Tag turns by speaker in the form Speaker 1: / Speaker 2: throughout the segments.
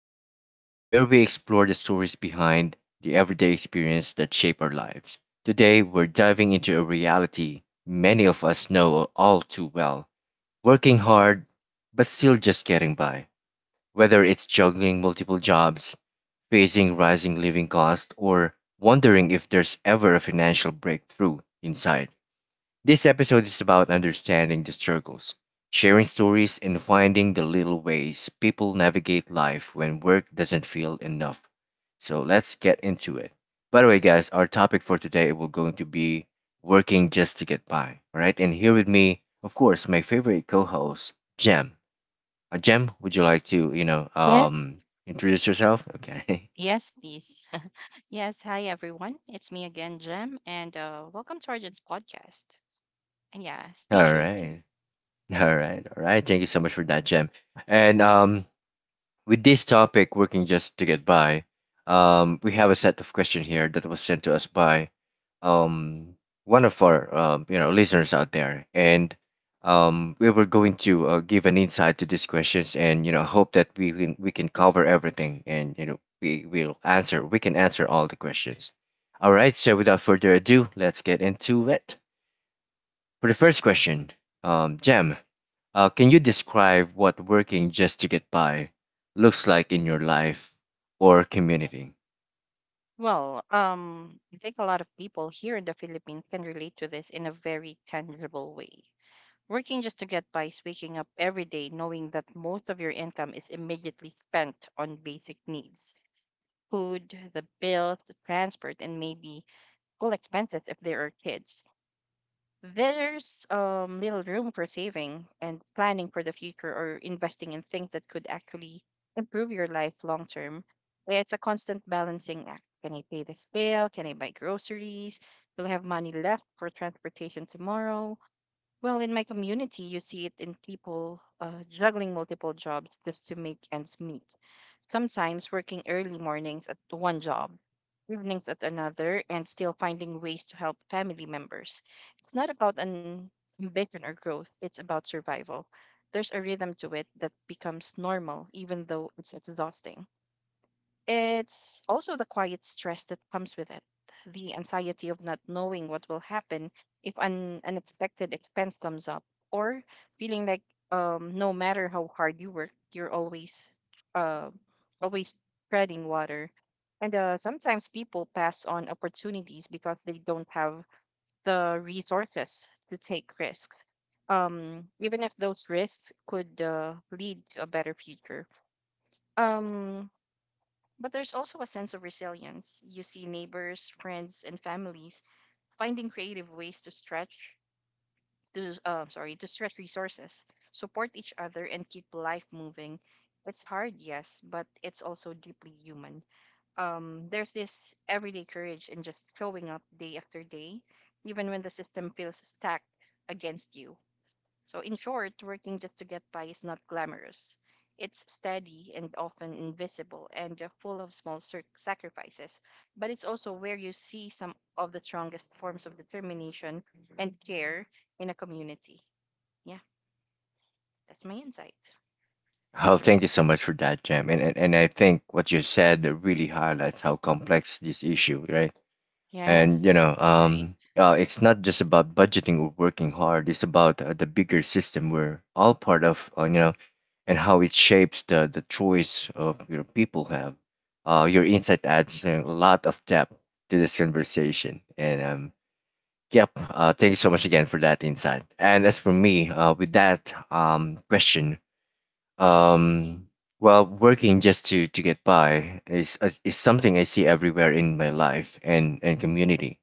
Speaker 1: podcast, where we explore the stories behind the everyday experience that shape our lives. Today, we're diving into a reality many of us know all too well working hard, but still just getting by. Whether it's juggling multiple jobs, facing rising living costs, or wondering if there's ever a financial breakthrough in sight. This episode is about understanding the struggles, sharing stories, and finding the little ways people navigate life when work doesn't feel enough. So let's get into it. By the way, guys, our topic for today will going to be working just to get by. All right, and here with me, of course, my favorite co-host, Jem. Jem, would you like to,
Speaker 2: Yeah.
Speaker 1: introduce yourself? Okay.
Speaker 2: Yes, please. Yes, hi everyone. It's me again, Jem, and welcome to Arjun's podcast. And yeah, stay
Speaker 1: All
Speaker 2: tuned.
Speaker 1: right. All right. All right. Thank you so much for that, Jem. And With this topic, working just to get by, we have a set of questions here that was sent to us by um, one of our listeners out there, and we were going to give an insight to these questions, and hope that we can cover everything, and we will answer we can answer all the questions. All right, so without further ado, let's get into it. For the first question, Jem, can you describe what working just to get by looks like in your life or community?
Speaker 2: Well, I think a lot of people here in the Philippines can relate to this in a very tangible way. Working just to get by is waking up every day knowing that most of your income is immediately spent on basic needs: food, the bills, the transport, and maybe school expenses if there are kids. There's little room for saving and planning for the future or investing in things that could actually improve your life long term. It's a constant balancing act. Can I pay this bill? Can I buy groceries? Will I have money left for transportation tomorrow? Well, in my community, you see it in people juggling multiple jobs just to make ends meet. Sometimes working early mornings at one job, evenings at another, and still finding ways to help family members. It's not about an ambition or growth, it's about survival. There's a rhythm to it that becomes normal, even though it's exhausting. It's also the quiet stress that comes with it, the anxiety of not knowing what will happen if an unexpected expense comes up, or feeling like no matter how hard you work, you're uh, always treading water. And sometimes people pass on opportunities because they don't have the resources to take risks, even if those risks could lead to a better future. Um, but there's also a sense of resilience. You see neighbors, friends, and families finding creative ways to stretch resources, support each other and keep life moving. It's hard, yes, but it's also deeply human. There's this everyday courage in just showing up day after day, even when the system feels stacked against you. So, in short, working just to get by is not glamorous. It's steady and often invisible and full of small sacrifices, but it's also where you see some of the strongest forms of determination and care in a community. Yeah, that's my insight.
Speaker 1: Oh, thank you so much for that, Jem. And I think what you said really highlights how complex this issue, right? And, you
Speaker 2: Yes,
Speaker 1: know,
Speaker 2: right.
Speaker 1: it's not just about budgeting or working hard. It's about the bigger system we're all part of, you know, and how it shapes the choice of your people have. Your insight adds a lot of depth to this conversation. And yep, thank you so much again for that insight. And as for me, with that question, um, well, working just to get by is something I see everywhere in my life and community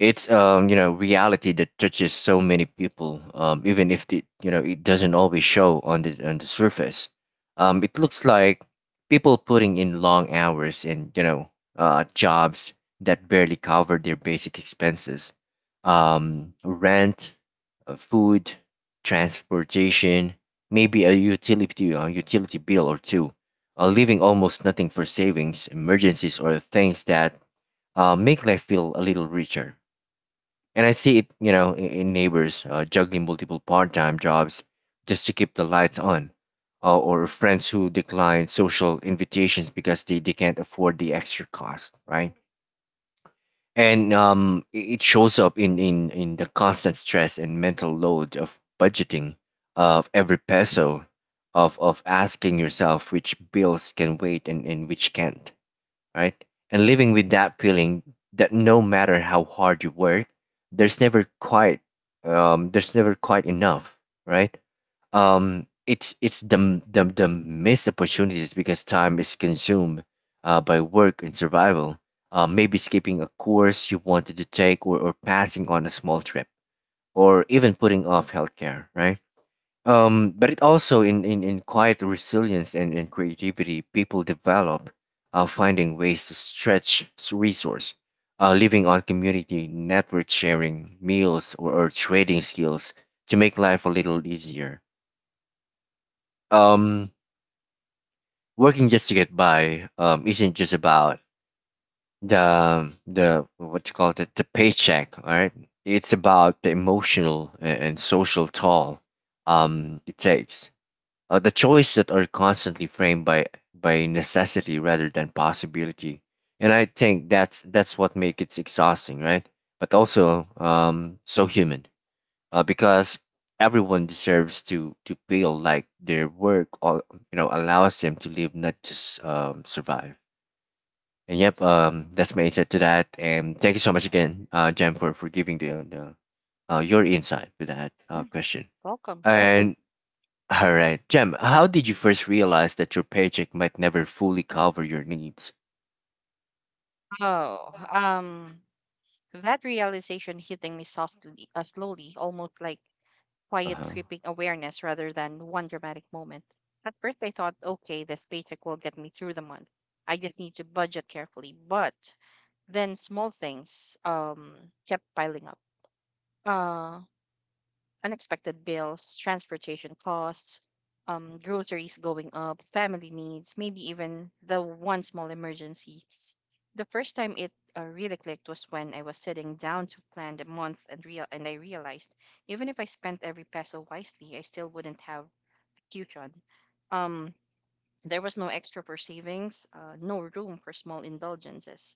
Speaker 1: it's you know, reality that touches so many people, even if it it doesn't always show on the surface. It looks like people putting in long hours and jobs that barely cover their basic expenses, rent, food, transportation, maybe a utility bill or two, leaving almost nothing for savings, emergencies, or things that make life feel a little richer and I see it, you know, in neighbors juggling multiple part-time jobs just to keep the lights on, or friends who decline social invitations because they can't afford the extra cost, right? And it it shows up in the constant stress and mental load of budgeting of every peso, of asking yourself which bills can wait and which can't right? And living with that feeling that no matter how hard you work, there's never quite there's never quite enough, right? It's the missed opportunities because time is consumed by work and survival. Maybe skipping a course you wanted to take, or passing on a small trip, or even putting off healthcare, right? But it also in quiet resilience and creativity people develop finding ways to stretch resource, living on community, network sharing, meals, or trading skills to make life a little easier. Um, working just to get by isn't just about the what you call it the paycheck, all right? It's about the emotional and social toll it takes the choice that are constantly framed by necessity rather than possibility, and I think that's what makes it exhausting, right? But also so human, because everyone deserves to feel like their work, or, you know, allows them to live, not just survive. And yep, that's my insight to that. And thank you so much again, Jen, for giving the your insight to that
Speaker 2: Yeah,
Speaker 1: question.
Speaker 2: welcome.
Speaker 1: And all right, Jem, how did you first realize that your paycheck might never fully cover your needs?
Speaker 2: Oh, um, that realization hitting me softly, slowly, almost like
Speaker 1: Uh
Speaker 2: quiet
Speaker 1: huh.
Speaker 2: creeping awareness rather than one dramatic moment. At first, I thought, okay, this paycheck will get me through the month. I just need to budget carefully. But then small things kept piling up. Uh, unexpected bills, transportation costs, groceries going up, family needs, maybe even the one small emergency. The first time it really clicked was when I was sitting down to plan the month and I realized even if I spent every peso wisely, I still wouldn't have a cushion. Um, there was no extra for savings, no room for small indulgences,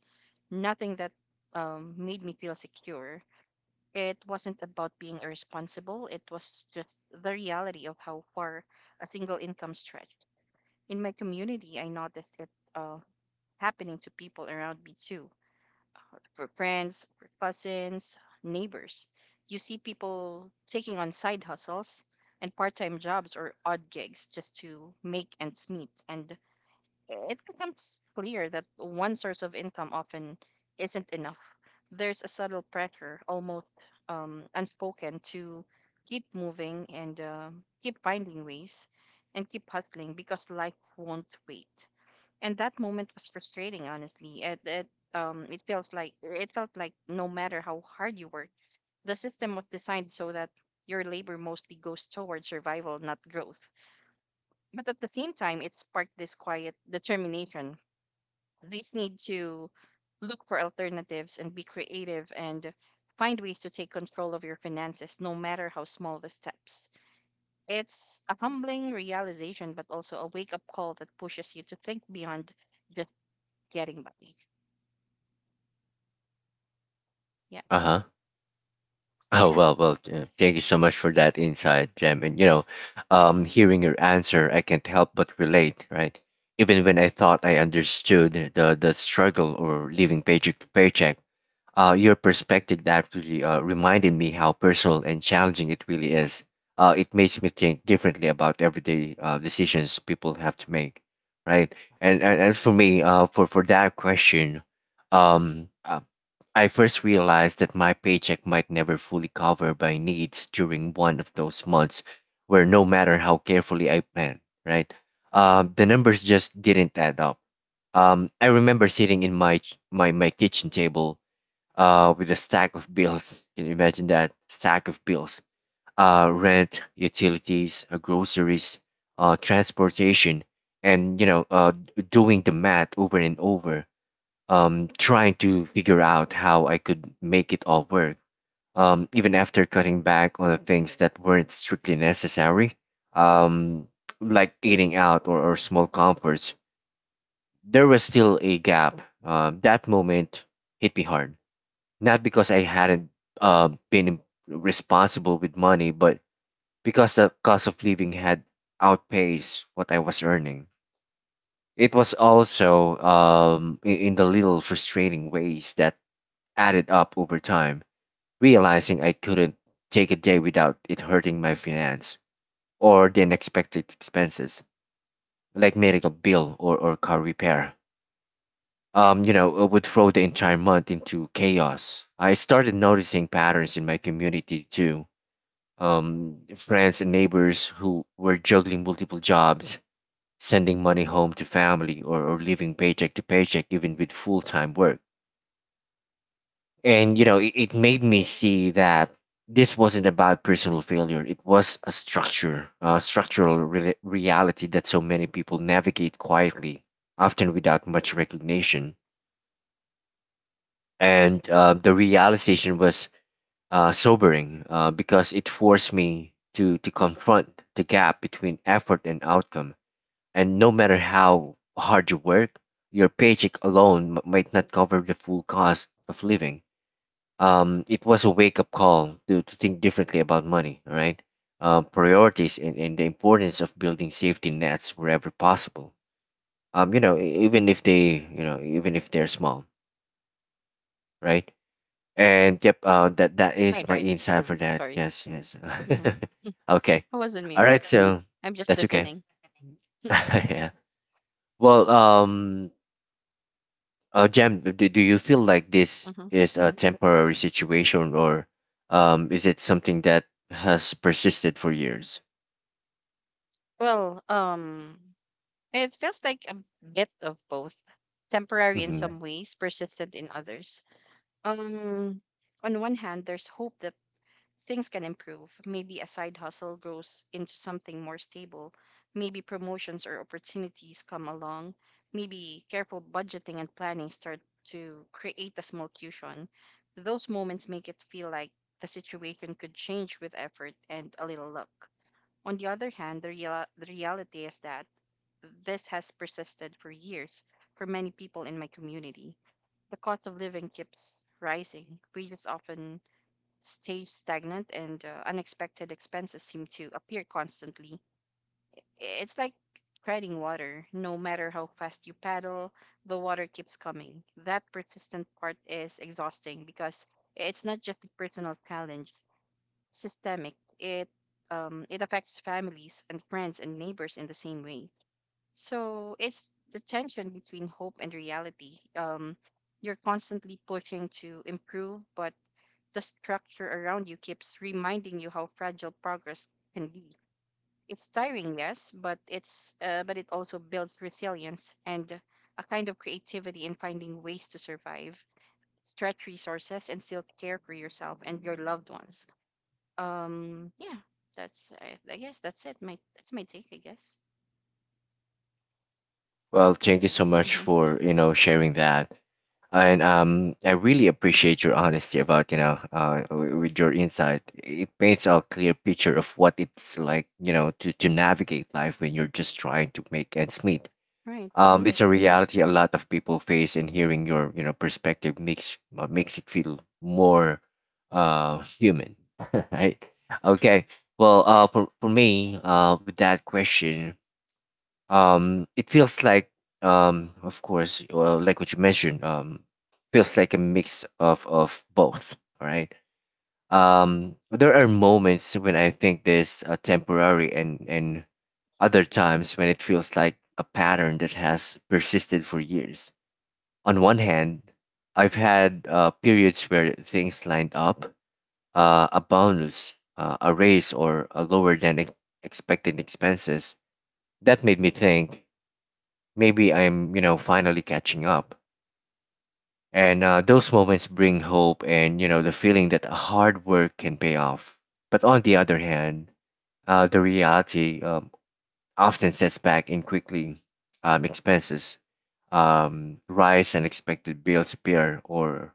Speaker 2: nothing that made me feel secure. It wasn't about being irresponsible, it was just the reality of how far a single income stretched. In my community, I noticed it uh, happening to people around me too, for friends, for cousins, neighbors. You see people taking on side hustles and part time jobs or odd gigs just to make ends meet. And it becomes clear that one source of income often isn't enough. There's a subtle pressure, almost unspoken, to keep moving and keep finding ways and keep hustling because life won't wait. And that moment was frustrating, honestly. It felt like no matter how hard you work, the system was designed so that your labor mostly goes towards survival, not growth. But at the same time, it sparked this quiet determination, these need to look for alternatives and be creative and find ways to take control of your finances, no matter how small the steps. It's a humbling realization, but also a wake up call that pushes you to think beyond just getting by. Yeah.
Speaker 1: Uh huh.
Speaker 2: Yeah.
Speaker 1: Jem,
Speaker 2: It's
Speaker 1: thank you so much for that insight, Jem. And you know, hearing your answer, I can't help but relate, right? Even when I thought I understood the struggle or living paycheck to paycheck, uh, your perspective actually reminded me how personal and challenging it really is. It makes me think differently about everyday decisions people have to make, right? And for me, for that question, um, uh, I first realized that my paycheck might never fully cover my needs during one of those months where no matter how carefully I plan, right? The numbers just didn't add up. I remember sitting in my ch- my kitchen table with a stack of bills. Can you imagine that stack of bills? Rent, utilities, groceries, transportation, and you know, doing the math over and over, trying to figure out how I could make it all work. Even after cutting back on the things that weren't strictly necessary, um, like eating out or small comforts, there was still a gap. That moment hit me hard not because I hadn't been responsible with money, but because the cost of living had outpaced what I was earning. It was also in the little frustrating ways that added up over time, realizing I couldn't take a day without it hurting my finance or the unexpected expenses, like medical bill or car repair you know, would throw the entire month into chaos. I started noticing patterns in my community too, friends and neighbors who were juggling multiple jobs, sending money home to family, or living paycheck to paycheck, even with full time work. And, you know, it made me see that this wasn't about personal failure. It was a structure, a structural reality that so many people navigate quietly, often without much recognition. And the realization was sobering because it forced me to confront the gap between effort and outcome. And no matter how hard you work, your paycheck alone might not cover the full cost of living. It was a wake up call to think differently about money, all right? Priorities and the importance of building safety nets wherever possible. You know, even if they, you know, even if they're small, right? And yep, that that is
Speaker 2: right,
Speaker 1: my
Speaker 2: right.
Speaker 1: insight for that.
Speaker 2: Sorry.
Speaker 1: Yes, yes.
Speaker 2: Hmm.
Speaker 1: Okay.
Speaker 2: I was on
Speaker 1: All
Speaker 2: mute.
Speaker 1: right. So
Speaker 2: I'm just
Speaker 1: that's okay.
Speaker 2: listening.
Speaker 1: yeah. Well, Jam, do you feel like this
Speaker 2: Hmm.
Speaker 1: is a temporary situation, or is it something that has persisted for years?
Speaker 2: Well, it feels like a bit of both, temporary in
Speaker 1: Mm-hmm.
Speaker 2: some ways, persistent in others. Um, on one hand, there's hope that things can improve. Maybe a side hustle grows into something more stable. Maybe promotions or opportunities come along. Maybe careful budgeting and planning start to create a small cushion. Those moments make it feel like the situation could change with effort and a little luck. On the other hand, the reality is that this has persisted for years for many people in my community. The cost of living keeps rising. Wages often stay stagnant, and unexpected expenses seem to appear constantly. It's like treading water. No matter how fast you paddle, the water keeps coming. That persistent part is exhausting because it's not just a personal challenge, systemic. It it affects families and friends and neighbors in the same way. So it's the tension between hope and reality. You're constantly pushing to improve, but the structure around you keeps reminding you how fragile progress can be. It's tiring, yes, but it also builds resilience and a kind of creativity in finding ways to survive, stretch resources, and still care for yourself and your loved ones. Yeah, that's I guess that's it. My that's my take, I guess.
Speaker 1: Well, thank you so much
Speaker 2: Mm-hmm.
Speaker 1: for sharing that, and I really appreciate your honesty about with your insight. It paints a clear picture of what it's like to navigate life when you're just trying to make ends meet.
Speaker 2: Right. Mm-hmm.
Speaker 1: It's a reality a lot of people face, and hearing your perspective makes makes it feel more human, right? Okay. Well, for me, with that question, it feels like, of course, well, like what you mentioned, feels like a mix of both. All right. There are moments when I think there's a temporary, and other times when it feels like a pattern that has persisted for years. On one hand, I've had periods where things lined up, a bonus, a raise, or a lower than expected expenses. That made me think maybe I'm, you know, finally catching up. And those moments bring hope and, you know, the feeling that hard work can pay off. But on the other hand, the reality often sets back in quickly. Expenses rise, unexpected bills appear, or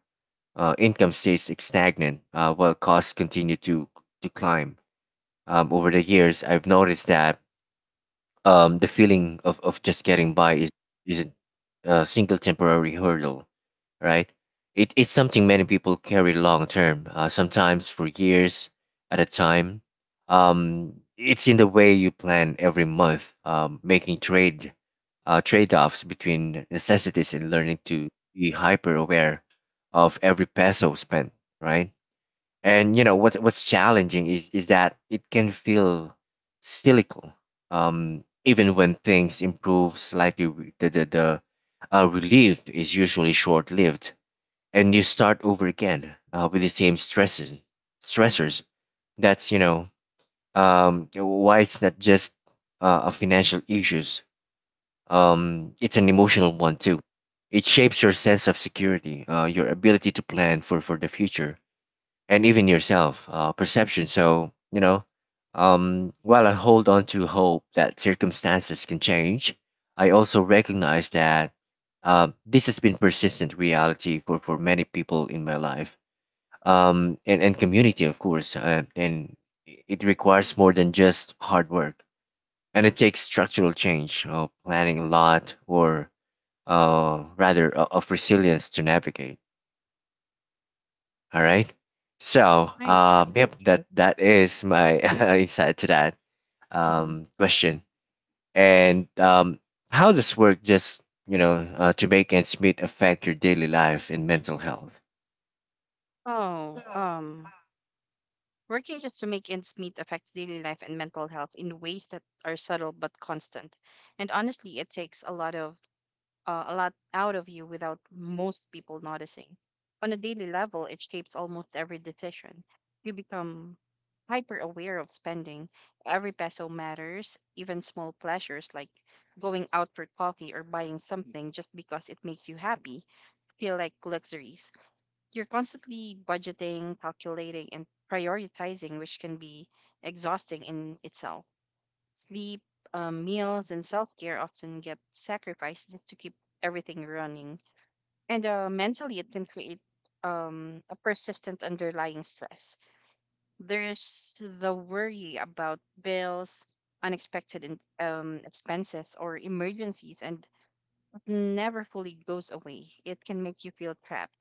Speaker 1: income stays stagnant while costs continue to climb. Over the years, I've noticed that the feeling of just getting by isn't a single temporary hurdle right? It's something many people carry long term, sometimes for years at a time. It's in the way you plan every month, making trade-offs between necessities and learning to be hyper aware of every peso spent, right? And you know what's challenging is that it can feel cynical, even when things improve slightly. The relief is usually short-lived, and you start over again with the same stresses stressors. That's you know Why it's not just a financial issues, it's an emotional one too. It shapes your sense of security, your ability to plan for the future, and even yourself perception. While I hold on to hope that circumstances can change, I also recognize that this has been persistent reality for many people in my life, and community, of course. And it requires more than just hard work. And it takes structural change, planning a lot, or of resilience to navigate. All right. So,
Speaker 2: Right, right.
Speaker 1: yep, that is my insight to that
Speaker 2: Mm-hmm.
Speaker 1: question. And how does work just to make ends meet affect your daily life and mental health?
Speaker 2: Oh, um, working just to make ends meet affects daily life and mental health in ways that are subtle but constant. And honestly, it takes a lot out of you without most people noticing. On a daily level, it shapes almost every decision. You become hyper aware of spending. Every peso matters, even small pleasures like going out for coffee or buying something just because it makes you happy feel like luxuries. You're constantly budgeting, calculating, and prioritizing, which can be exhausting in itself. Sleep, meals, and self care often get sacrificed just to keep everything running. And mentally, it can create a persistent underlying stress. There's the worry about bills, unexpected expenses, or emergencies, and it never fully goes away. It can make you feel trapped,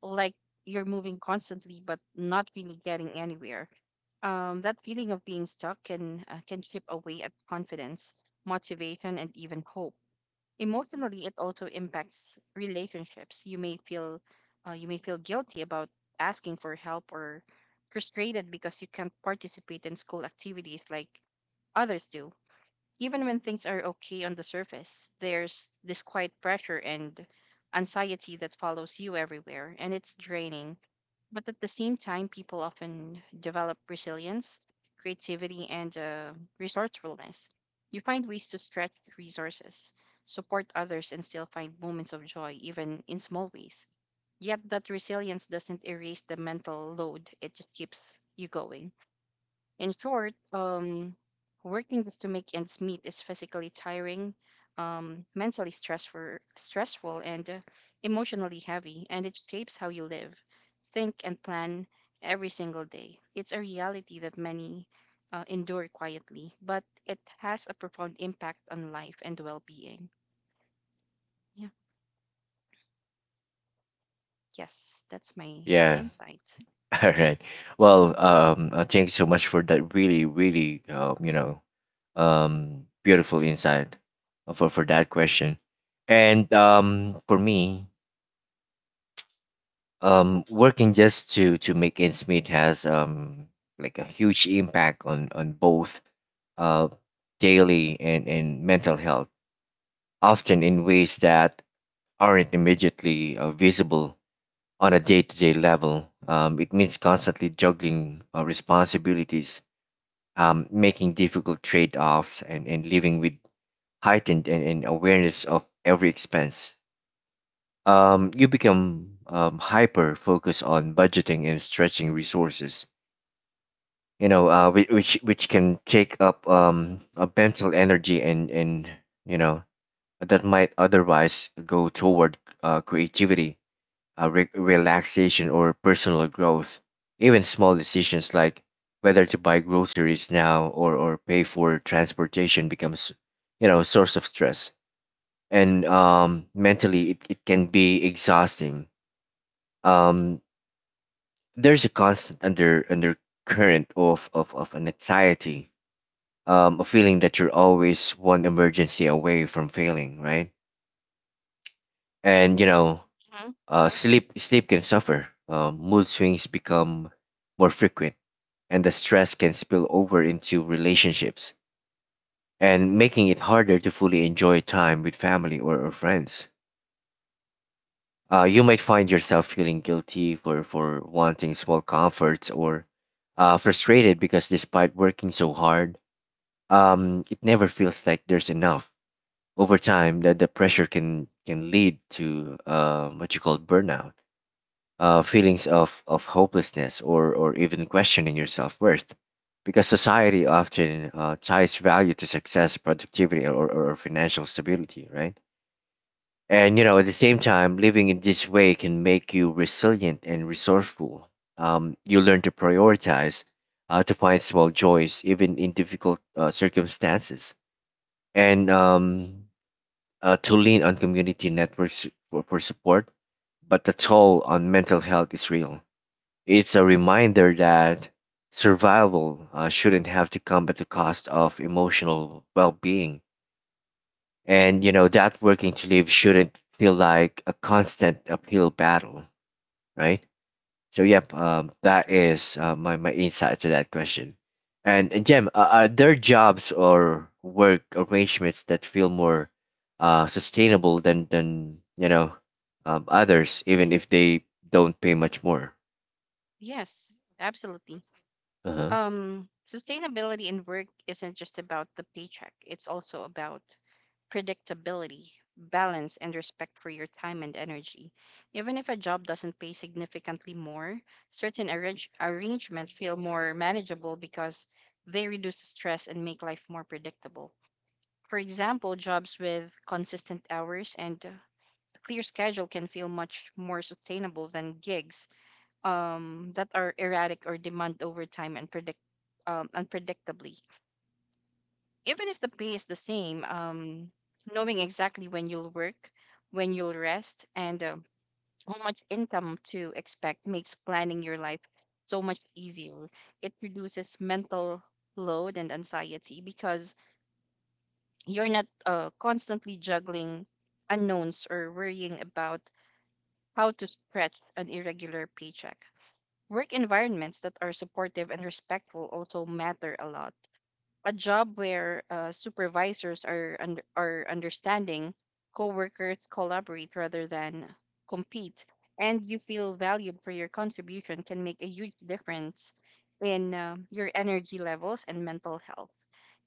Speaker 2: like you're moving constantly but not really getting anywhere. That feeling of being stuck can chip away at confidence, motivation, and even hope. Emotionally, it also impacts relationships. You may feel guilty about asking for help or frustrated because you can't participate in school activities like others do. Even when things are okay on the surface, there's this quiet pressure and anxiety that follows you everywhere, and it's draining. But at the same time, people often develop resilience, creativity, and resourcefulness. You find ways to stretch resources, support others, and still find moments of joy, even in small ways. Yet that resilience doesn't erase the mental load, it just keeps you going. In short, working just to make ends meet is physically tiring, mentally stressful, and emotionally heavy, and it shapes how you live, think, and plan every single day. It's a reality that many endure quietly, but it has a profound impact on life and well-being. Yeah. Yes, that's my
Speaker 1: Yeah.
Speaker 2: insight.
Speaker 1: All right. Well,
Speaker 2: Mm-hmm.
Speaker 1: thank you so much for that really, really, beautiful insight for that question. And for me, working just to make ends meet has like a huge impact on both uh daily and mental health, often in ways that aren't immediately visible on a day-to-day level. It means constantly juggling responsibilities, making difficult trade-offs, and living with heightened and awareness of every expense. You become hyper focused on budgeting and stretching resources. Which can take up a mental energy and and you know that might otherwise go toward creativity, relaxation, or personal growth. Even small decisions like whether to buy groceries now or pay for transportation becomes, you know, a source of stress. And mentally, it can be exhausting. Um, there's a constant undercurrent of an anxiety, a feeling that you're always one emergency away from failing, right? And, you know,
Speaker 2: Hmm.
Speaker 1: sleep can suffer. Mood swings become more frequent, and the stress can spill over into relationships and making it harder to fully enjoy time with family or friends. You might find yourself feeling guilty for wanting small comforts, or frustrated because despite working so hard, it never feels like there's enough. Over time, that the pressure can lead to what you call burnout, feelings of hopelessness, or even questioning your self worth, because society often ties value to success, productivity, or financial stability, right? And you know, at the same time, living in this way can make you resilient and resourceful. You learn to prioritize, to find small joys even in difficult circumstances, and to lean on community networks for support. But the toll on mental health is real. It's a reminder that survival shouldn't have to come at the cost of emotional well-being, and you know that working to live shouldn't feel like a constant uphill battle, right? So, yep,
Speaker 2: Right.
Speaker 1: that
Speaker 2: Right.
Speaker 1: is my insight to that question. And Jem, are there jobs or work arrangements that feel more sustainable than others, even if they don't pay much more?
Speaker 2: Yes, absolutely.
Speaker 1: Uh huh.
Speaker 2: Sustainability in work isn't just about the paycheck, it's also about predictability, balance, and respect for your time and energy. Even if a job doesn't pay significantly more, certain arrangements feel more manageable because they reduce stress and make life more predictable. For example, jobs with consistent hours and a clear schedule can feel much more sustainable than gigs that are erratic or demand overtime and predict unpredictably. Even if the pay is the same, knowing exactly when you'll work, when you'll rest, and how much income to expect makes planning your life so much easier. It reduces mental load and anxiety because you're not constantly juggling unknowns or worrying about how to stretch an irregular paycheck. Work environments that are supportive and respectful also matter a lot. A job where supervisors are understanding, coworkers collaborate rather than compete, and you feel valued for your contribution can make a huge difference in your energy levels and mental health.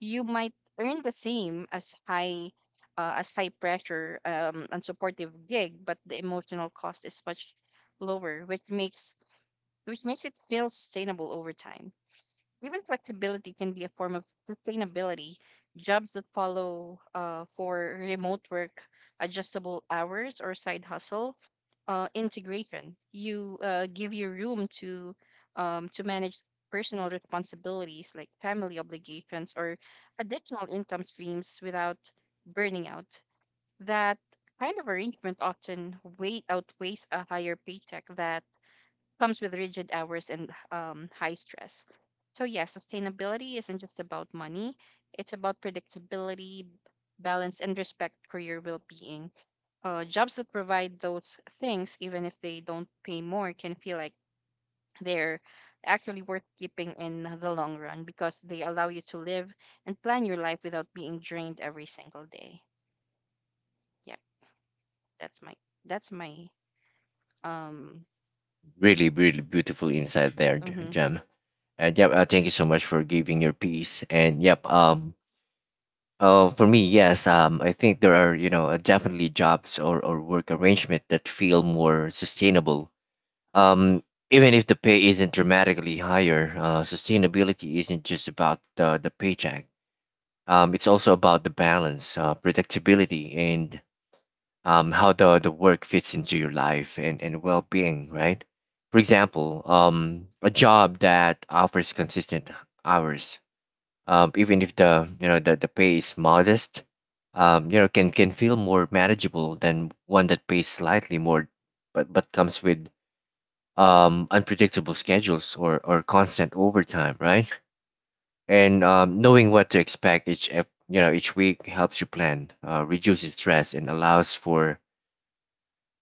Speaker 2: You might earn the same as high pressure and supportive gig, but the emotional cost is much lower, which makes it feel sustainable over time. Even flexibility can be a form of sustainability. Jobs that follow for remote work, adjustable hours, or side hustle integration You give you room to manage personal responsibilities like family obligations or additional income streams without burning out. That kind of arrangement often way outweighs a higher paycheck that comes with rigid hours and high stress. So, yeah, sustainability isn't just about money, it's about predictability, balance, and respect for your well being. Jobs that provide those things, even if they don't pay more, can feel like they're actually worth keeping in the long run because they allow you to live and plan your life without being drained every single day. Yep, that's my that's my um
Speaker 1: Really, really beautiful insight there,
Speaker 2: mm-hmm.
Speaker 1: Jem. And yep, thank you so
Speaker 2: Yeah.
Speaker 1: much for giving your piece. And yep, for me, yes, I think there are, you know, definitely jobs or work arrangement that feel more sustainable. Um, Even if the pay isn't dramatically higher, sustainability isn't just about the paycheck. It's also about the balance, predictability, and how the work fits into your life and well being, right? For example, a job that offers consistent hours, even if the the pay is modest, can feel more manageable than one that pays slightly more, but comes with unpredictable schedules, or constant overtime, right? And knowing what to expect each week helps you plan, reduces stress, and allows for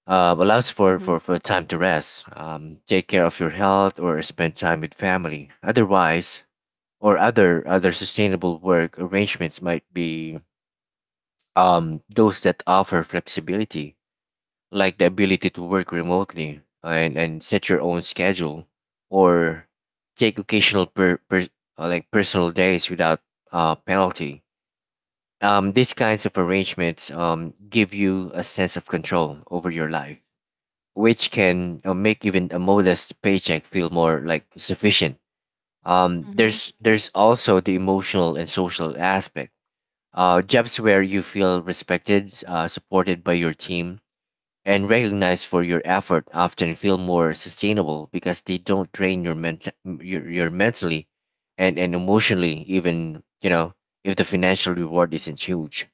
Speaker 2: Mm-hmm. Mm-hmm.
Speaker 1: for time to rest, take care of your health, or spend time with family. Otherwise, or other sustainable work arrangements might be those that offer flexibility, like the ability to work remotely and set your own schedule, or take occasional like personal days without penalty. These kinds of arrangements give you a sense of control over your life, which can make even a modest paycheck feel more like sufficient.
Speaker 2: Mm-hmm.
Speaker 1: There's also the emotional and social aspect. Jobs where you feel respected, supported by your team, and recognized for your effort often feel more sustainable because they don't drain your mentally and emotionally, even if the financial reward isn't huge.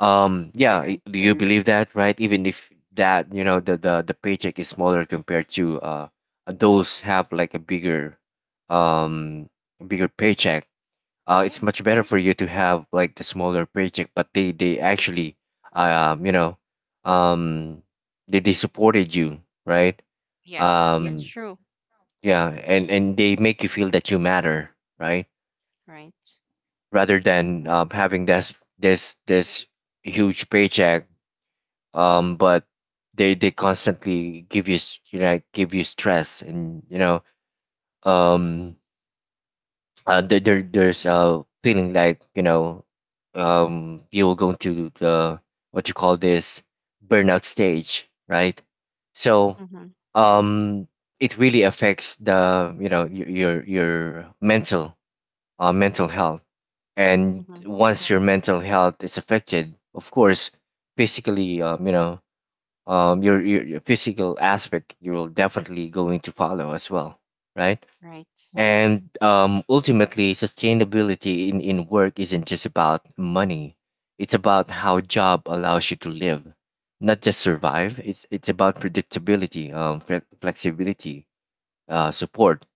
Speaker 1: Yeah,
Speaker 2: Right,
Speaker 1: do
Speaker 2: right.
Speaker 1: you believe that, right? Even if that, you know, the paycheck is smaller compared to those have like a bigger um paycheck. It's
Speaker 2: Yeah.
Speaker 1: much better for you to have like the smaller paycheck, but they actually uh, um you know um they supported you, right? Yes.
Speaker 2: Yes, that's true.
Speaker 1: Yeah, and
Speaker 2: Mm.
Speaker 1: they make you feel that you matter, right?
Speaker 2: Right.
Speaker 1: Rather than having this huge paycheck, but they constantly give you s- you know give you stress, and um there's a feeling like you're going to the, what you call this, burnout stage, right? So,
Speaker 2: Mm-hmm.
Speaker 1: um it really affects the, your your mental, mental health, and
Speaker 2: Mm-hmm.
Speaker 1: once your mental health is affected, of course physically, your, your physical aspect, you're definitely going to follow as well, right?
Speaker 2: Right.
Speaker 1: And ultimately, sustainability in work isn't just about money; it's about how job allows you to live, not just survive. It's about predictability, flexibility, support,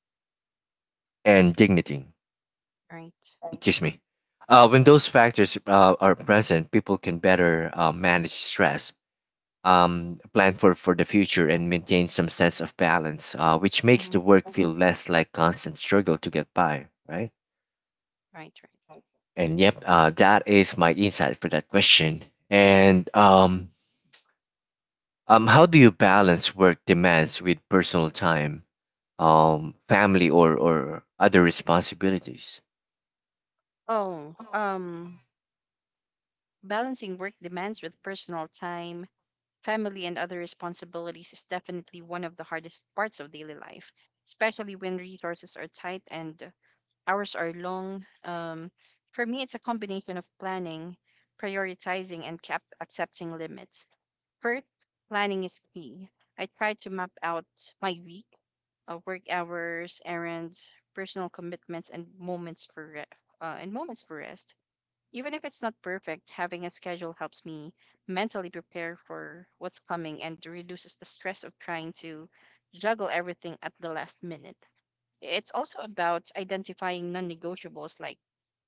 Speaker 1: and dignity.
Speaker 2: Right.
Speaker 1: Excuse me. When those factors are present, people can better manage stress, plan for the future, and maintain some sense of balance, which makes
Speaker 2: Mm-hmm.
Speaker 1: the work feel less like constant struggle to get by, right?
Speaker 2: Right. Right.
Speaker 1: And yep, that is my insight for that question. And how do you balance work demands with personal time, family, or other responsibilities?
Speaker 2: Oh, um, Balancing work demands with personal time, family, and other responsibilities is definitely one of the hardest parts of daily life, especially when resources are tight and hours are long. For me, it's a combination of planning, prioritizing, and accepting limits. First, planning is key. I try to map out my week, work hours, errands, personal commitments, and and moments for rest. Even if it's not perfect, having a schedule helps me mentally prepare for what's coming and reduces the stress of trying to juggle everything at the last minute. It's also about identifying non-negotiables like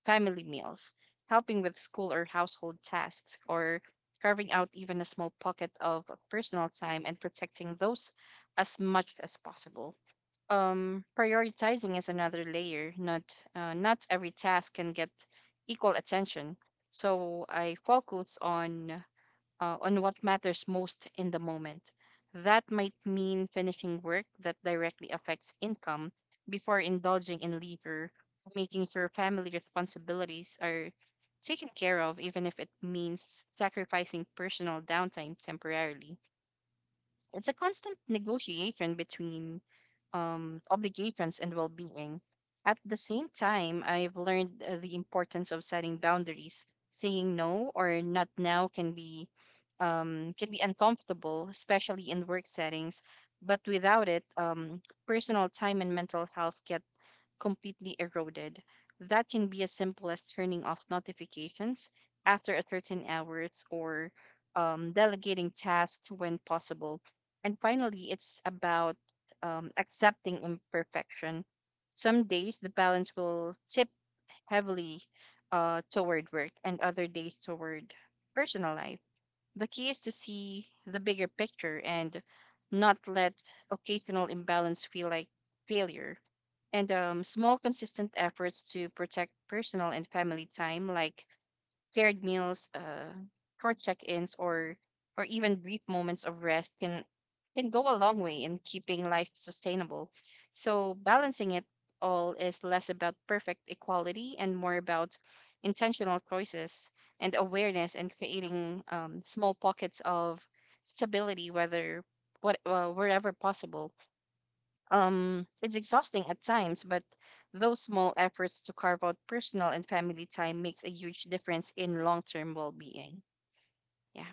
Speaker 2: family meals, helping with school or household tasks, or carving out even a small pocket of personal time and protecting those as much as possible. Prioritizing is another layer. Not every task can get equal attention, so I focus on, on what matters most in the moment. That might mean finishing work that directly affects income before indulging in leisure, making sure family responsibilities are taken care of even if it means sacrificing personal downtime temporarily. It's a constant negotiation between obligations and well being. At the same time, I've learned the importance of setting boundaries. Saying no or not now can be, can be uncomfortable, especially in work settings. But without it, personal time and mental health get completely eroded. That can be as simple as turning off notifications after a certain hours or, delegating tasks when possible. And finally, it's about, accepting imperfection. Some days the balance will tip heavily, toward work, and other days toward personal life. The key is to see the bigger picture and not let occasional imbalance feel like failure. And small consistent efforts to protect personal and family time, like paired meals, short check-ins, or even brief moments of rest can go a long way in keeping life sustainable. So balancing it all is less about perfect equality and more about intentional choices and awareness and creating, small pockets of stability whether what wherever possible. It's exhausting at times, but those small efforts to carve out personal and family time makes a huge difference in long-term well-being. Yeah,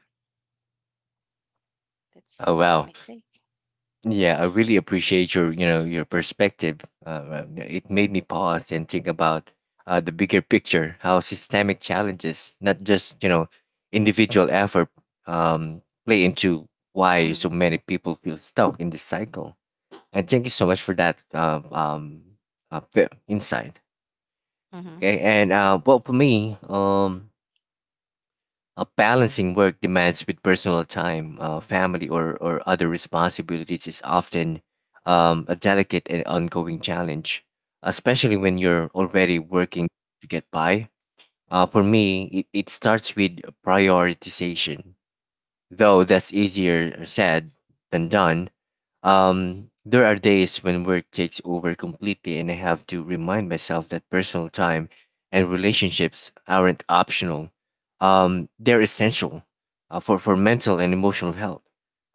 Speaker 1: Oh,
Speaker 2: that's
Speaker 1: wow.
Speaker 2: my take.
Speaker 1: Yeah, I really appreciate your, you know, your perspective. Uh, it made me pause and think about the bigger picture, how systemic challenges, not just, you know, individual effort, um, play into why
Speaker 2: Mm-hmm.
Speaker 1: so many people feel stuck in this cycle. And thank you so much for that insight.
Speaker 2: Mm-hmm.
Speaker 1: Okay, and well, for me, balancing work demands with personal time, family, or other responsibilities is often a delicate and ongoing challenge, especially when you're already working to get by. For me, it starts with prioritization. Though that's easier said than done, there are days when work takes over completely, and I have to remind myself that personal time and relationships aren't optional. They're essential for mental and emotional health.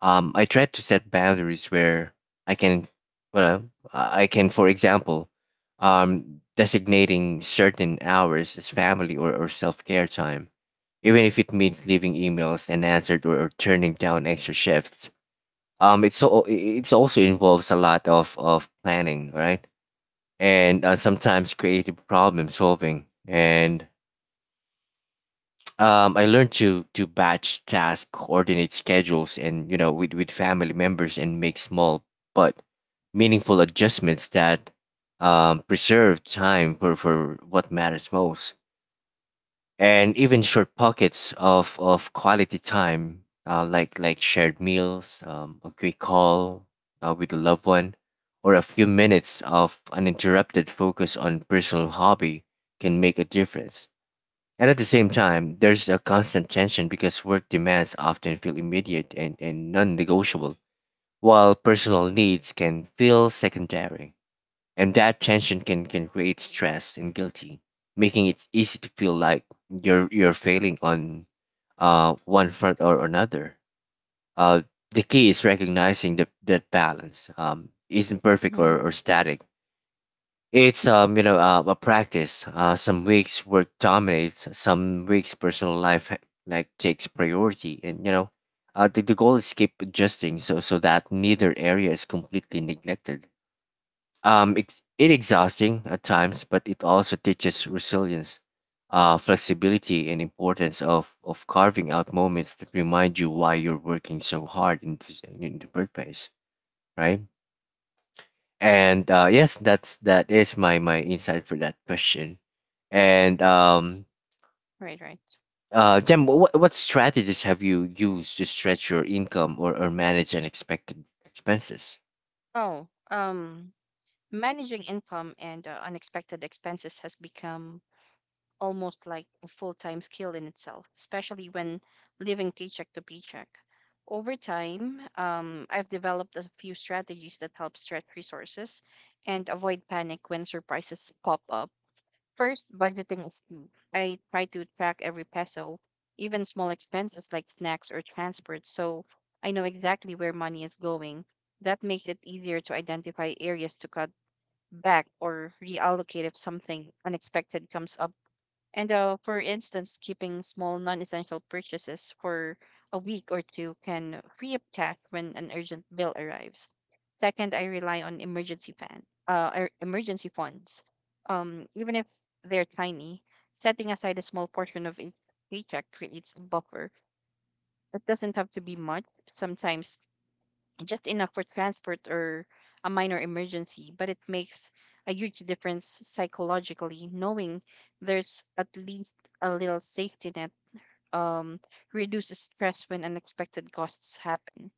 Speaker 1: I try to set boundaries where I can, well, I can, for example, designating certain hours as family, or self care time, even if it means leaving emails unanswered, or turning down extra shifts. It's so it's also involves a lot of planning, right? And sometimes creative problem solving. And I learned to batch tasks, coordinate schedules, and you know with family members, and make small but meaningful adjustments that preserve time for what matters most. And even short pockets of quality time, like shared meals, a quick call with a loved one, or a few minutes of uninterrupted focus on personal hobby can make a difference. And at the same time, there's a constant tension because work demands often feel immediate and non-negotiable, while personal needs can feel secondary, and that tension can create stress and guilty, making it easy to feel like you're failing on one front or another. Uh, the key is recognizing that that balance isn't perfect
Speaker 2: Mm-hmm.
Speaker 1: or static. It's a practice. Some weeks work dominates, some weeks personal life like takes priority, and you know the goal is keep adjusting so that neither area is completely neglected. It's it exhausting at times, but it also teaches resilience, flexibility, and importance of carving out moments that remind you why you're working so hard in this, in the first place, right? And yes, that is my my insight for that question. And
Speaker 2: Right, right.
Speaker 1: Jem, what strategies have you used to stretch your income or manage unexpected expenses?
Speaker 2: Oh, um, Managing income and unexpected expenses has become almost like a full time skill in itself, especially when living paycheck to paycheck. Over time, I've developed a few strategies that help stretch resources and avoid panic when surprises pop up. First, budgeting is key. I try to track every peso, even small expenses like snacks or transport, so I know exactly where money is going. That makes it easier to identify areas to cut back or reallocate if something unexpected comes up. And for instance, keeping small non essential purchases for a week or two can free up cash when an urgent bill arrives. Second, I rely on emergency fund, emergency funds, even if they're tiny. Setting aside a small portion of each paycheck creates a buffer. It doesn't have to be much. Sometimes just enough for transport or a minor emergency, but it makes a huge difference psychologically knowing there's at least a little safety net. um Reduces stress when unexpected costs happen.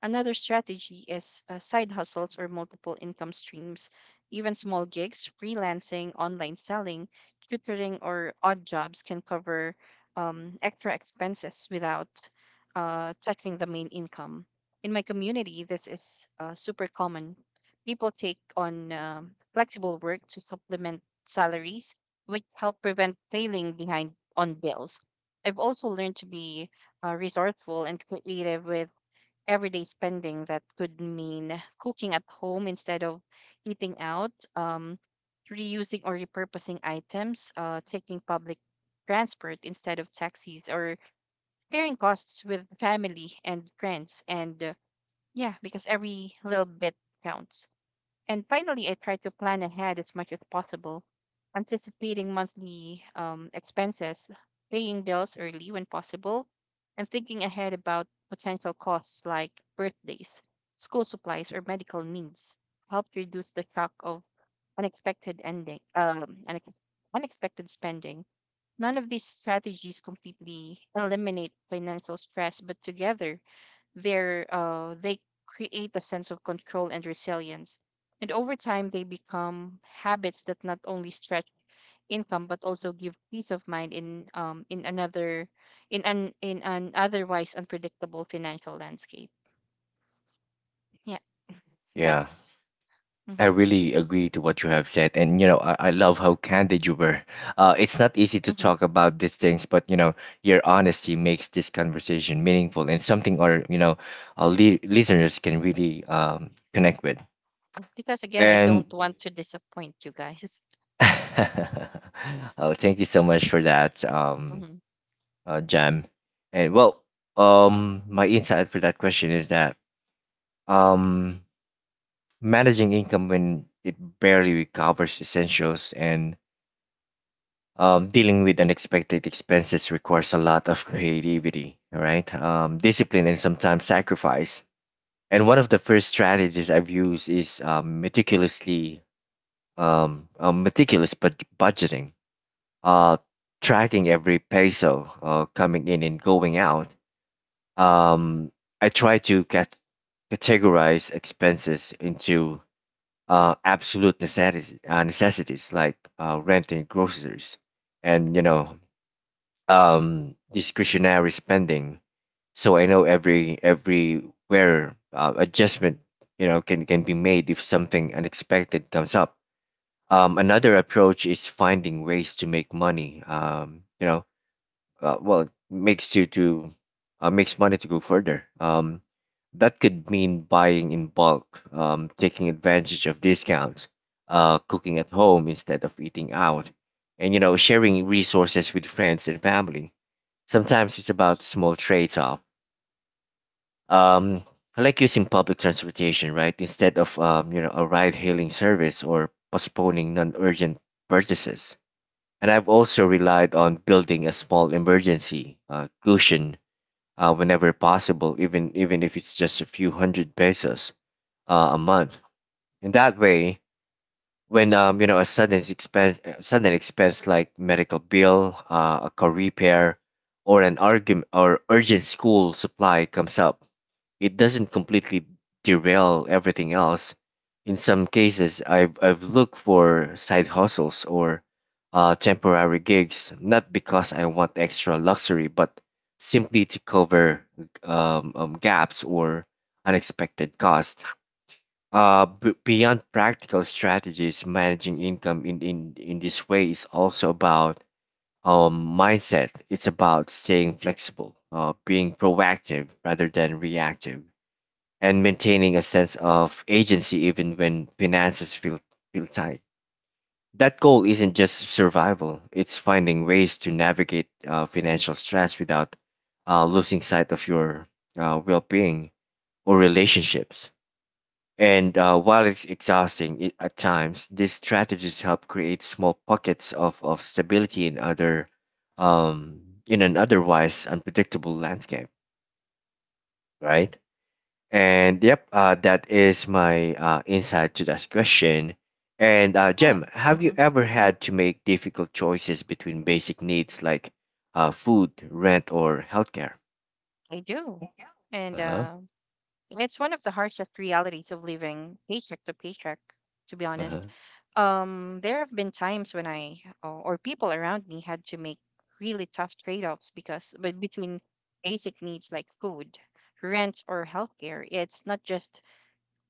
Speaker 2: Another strategy is, side hustles or multiple income streams. Even small gigs, freelancing, online selling, tutoring, or odd jobs can cover, extra expenses without, touching the main income. In my community, this is super common. People take on flexible work to supplement salaries, which help prevent failing behind on bills. I've also learned to be, resourceful and creative with everyday spending. That could mean cooking at home instead of eating out, reusing or repurposing items, taking public transport instead of taxis, or sharing costs with family and friends. And yeah, because every little bit counts. And finally, I try to plan ahead as much as possible. Anticipating monthly, expenses, paying bills early when possible, and thinking ahead about potential costs like birthdays, school supplies, or medical needs helped reduce the shock of unexpected ending, um, unex- unexpected spending. None of these strategies completely eliminate financial stress, but together their they create a sense of control and resilience. And over time they become habits that not only stretch income but also give peace of mind in another in an otherwise unpredictable financial landscape. Yeah,
Speaker 1: Yeah,
Speaker 2: that's.
Speaker 1: I
Speaker 2: Hmm.
Speaker 1: really agree to what you have said, and you know, I love how candid you were. It's not easy to
Speaker 2: Hmm.
Speaker 1: talk about these things, but you know, your honesty makes this conversation meaningful and something our, you know, our listeners can really connect with.
Speaker 2: Because again, I
Speaker 1: And
Speaker 2: don't want to disappoint you guys.
Speaker 1: oh, thank you so much for that,
Speaker 2: Hmm.
Speaker 1: Jam. And well, my insight for that question is that, um, managing income when it barely covers essentials and, dealing with unexpected expenses requires a lot of creativity, all right? Discipline and sometimes sacrifice. And one of the first strategies I've used is meticulously meticulous budgeting, uh, tracking every peso coming in and going out. Um, I try to categorize expenses into necessities like rent and groceries, and, you know, discretionary spending. So I know every everywhere adjustment, you know, can be made if something unexpected comes up. Another approach is finding ways to make money. You know, well, makes you to Makes money to go further. That could mean buying in bulk, taking advantage of discounts, cooking at home instead of eating out, and, you know, sharing resources with friends and family. Sometimes it's about small trade-off. Um, I like using public transportation, right, instead of, you know, a ride-hailing service, or postponing non-urgent purchases. And I've also relied on building a small emergency cushion whenever possible, even if it's just a few hundred pesos a month. In that way, when, you know, a sudden expense like medical bill, a car repair, or an argument, or urgent school supply comes up, it doesn't completely derail everything else. In some cases, I've looked for side hustles or temporary gigs, not because I want extra luxury, but simply to cover gaps or unexpected costs. Beyond practical strategies, managing income in this way is also about mindset. It's about staying flexible, being proactive rather than reactive, and maintaining a sense of agency even when finances feel tight. That goal isn't just survival, it's finding ways to navigate financial stress without losing sight of your well being or relationships. And while it's exhausting at times, these strategies help create small pockets of stability in other, um, in an otherwise unpredictable landscape, right? And yep, that is my insight to that question. And
Speaker 2: Yeah,
Speaker 1: Jem, have you
Speaker 2: hmm.
Speaker 1: ever had to make difficult choices between basic needs like food, rent, or healthcare?
Speaker 2: I do.
Speaker 1: Uh
Speaker 2: And
Speaker 1: huh.
Speaker 2: uh. It's one of the harshest realities of living paycheck to paycheck, to be
Speaker 1: Uh
Speaker 2: honest.
Speaker 1: huh.
Speaker 2: There have been times when I or people around me had to make really tough trade-offs because but between basic needs like food, rent, or healthcare. It's not just,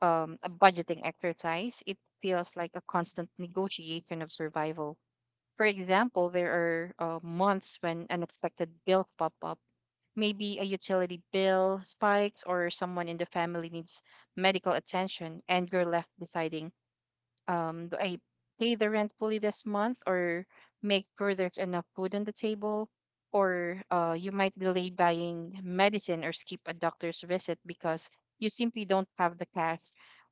Speaker 2: a budgeting exercise. It feels like a constant negotiation of survival. For example, there are, months when unexpected bills pop up. Maybe a utility bill spikes or someone in the family needs medical attention, and you're left deciding, do I pay the rent fully this month or make sure there's enough food on the table? Or you might delay buying medicine or skip a doctor's visit because you simply don't have the cash,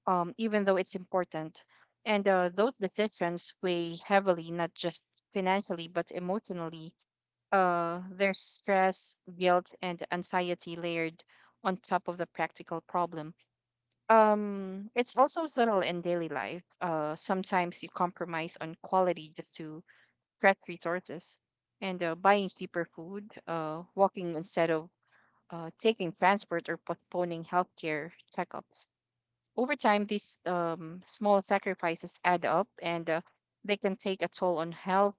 Speaker 2: even though it's important. And those decisions weigh heavily, not just financially, but emotionally. There's stress, guilt, and anxiety layered on top of the practical problem. It's also subtle in daily life. Sometimes you compromise on quality just to stretch resources, and buying cheaper food, walking instead of, taking transport, or postponing healthcare checkups. Over time, these, small sacrifices add up, and, they can take a toll on health,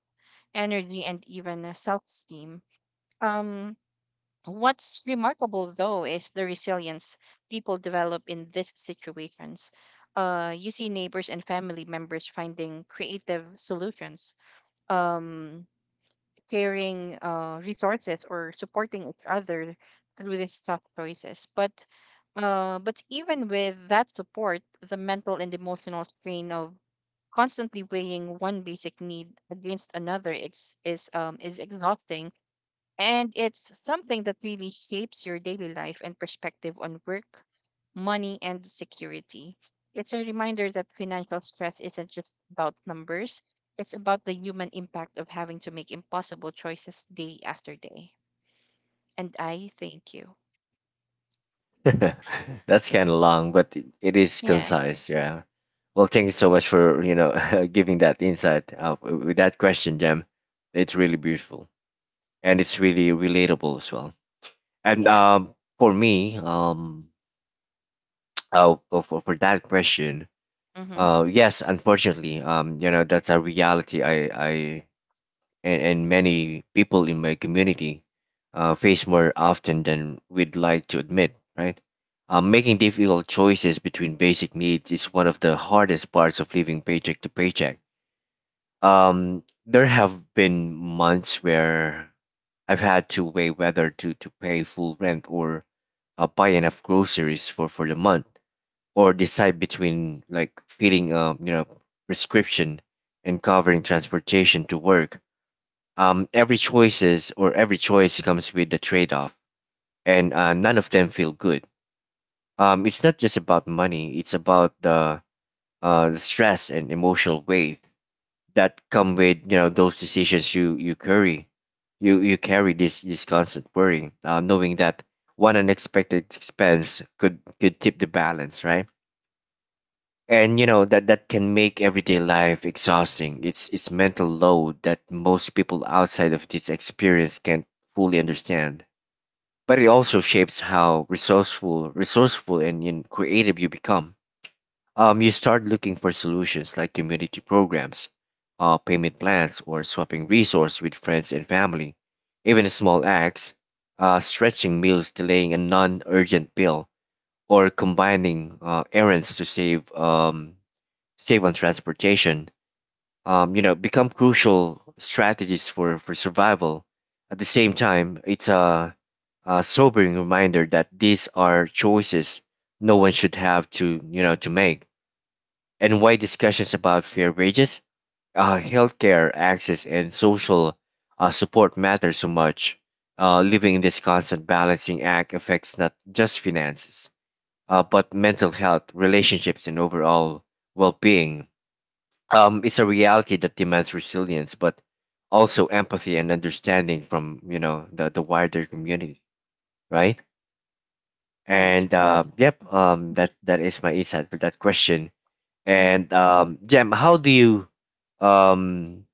Speaker 2: energy, and even, self-esteem. Um, What's remarkable though is the resilience people develop in these situations. You see neighbors and family members finding creative solutions, um, sharing, resources, or supporting each other through these tough choices. But, even with that support, the mental and emotional strain of constantly weighing one basic need against another is exhausting, and it's something that really shapes your daily life and perspective on work, money, and security. It's a reminder that financial stress isn't just about numbers, it's about the human impact of having to make impossible choices day after day. And I thank you.
Speaker 1: That's kind of long, but it is
Speaker 2: Yeah,
Speaker 1: concise. Yeah. Well, thank you so much for, you know, giving that insight with that question, Jem. It's really beautiful and it's really relatable as well. And
Speaker 2: yeah.
Speaker 1: for me, for that question,
Speaker 2: Mm-hmm.
Speaker 1: yes, unfortunately, you know, that's a reality I and many people in my community face more often than we'd like to admit, right? Making difficult choices between basic needs is one of the hardest parts of living paycheck to paycheck. There have been months where I've had to weigh whether to pay full rent or buy enough groceries for the month, or decide between like feeding, um, you know, prescription and covering transportation to work. Every choice comes with a trade-off, and none of them feel good. It's not just about money; it's about the, the stress and emotional weight that come with, you know, those decisions you carry. You carry this constant worry, knowing that one unexpected expense could tip the balance, right? And you know that that can make everyday life exhausting. It's mental load that most people outside of this experience can't fully understand, but it also shapes how resourceful and, you know, creative you become. You start looking for solutions like community programs, payment plans, or swapping resources with friends and family. Even small acts, stretching meals, delaying a non-urgent bill, or combining errands to save, save on transportation, you know, become crucial strategies for survival. At the same time, a sobering reminder that these are choices no one should have to, you know, to make. And why discussions about fair wages, healthcare access, and social support matter so much. Living in this constant balancing act affects not just finances, but mental health, relationships, and overall well-being. It's a reality that demands resilience, but also empathy and understanding from, you know, the wider community, right?
Speaker 2: Right,
Speaker 1: And
Speaker 2: right.
Speaker 1: yep,
Speaker 2: Mm-hmm.
Speaker 1: that is my insight for that question.
Speaker 2: Mm-hmm.
Speaker 1: And Jem, how do you, um,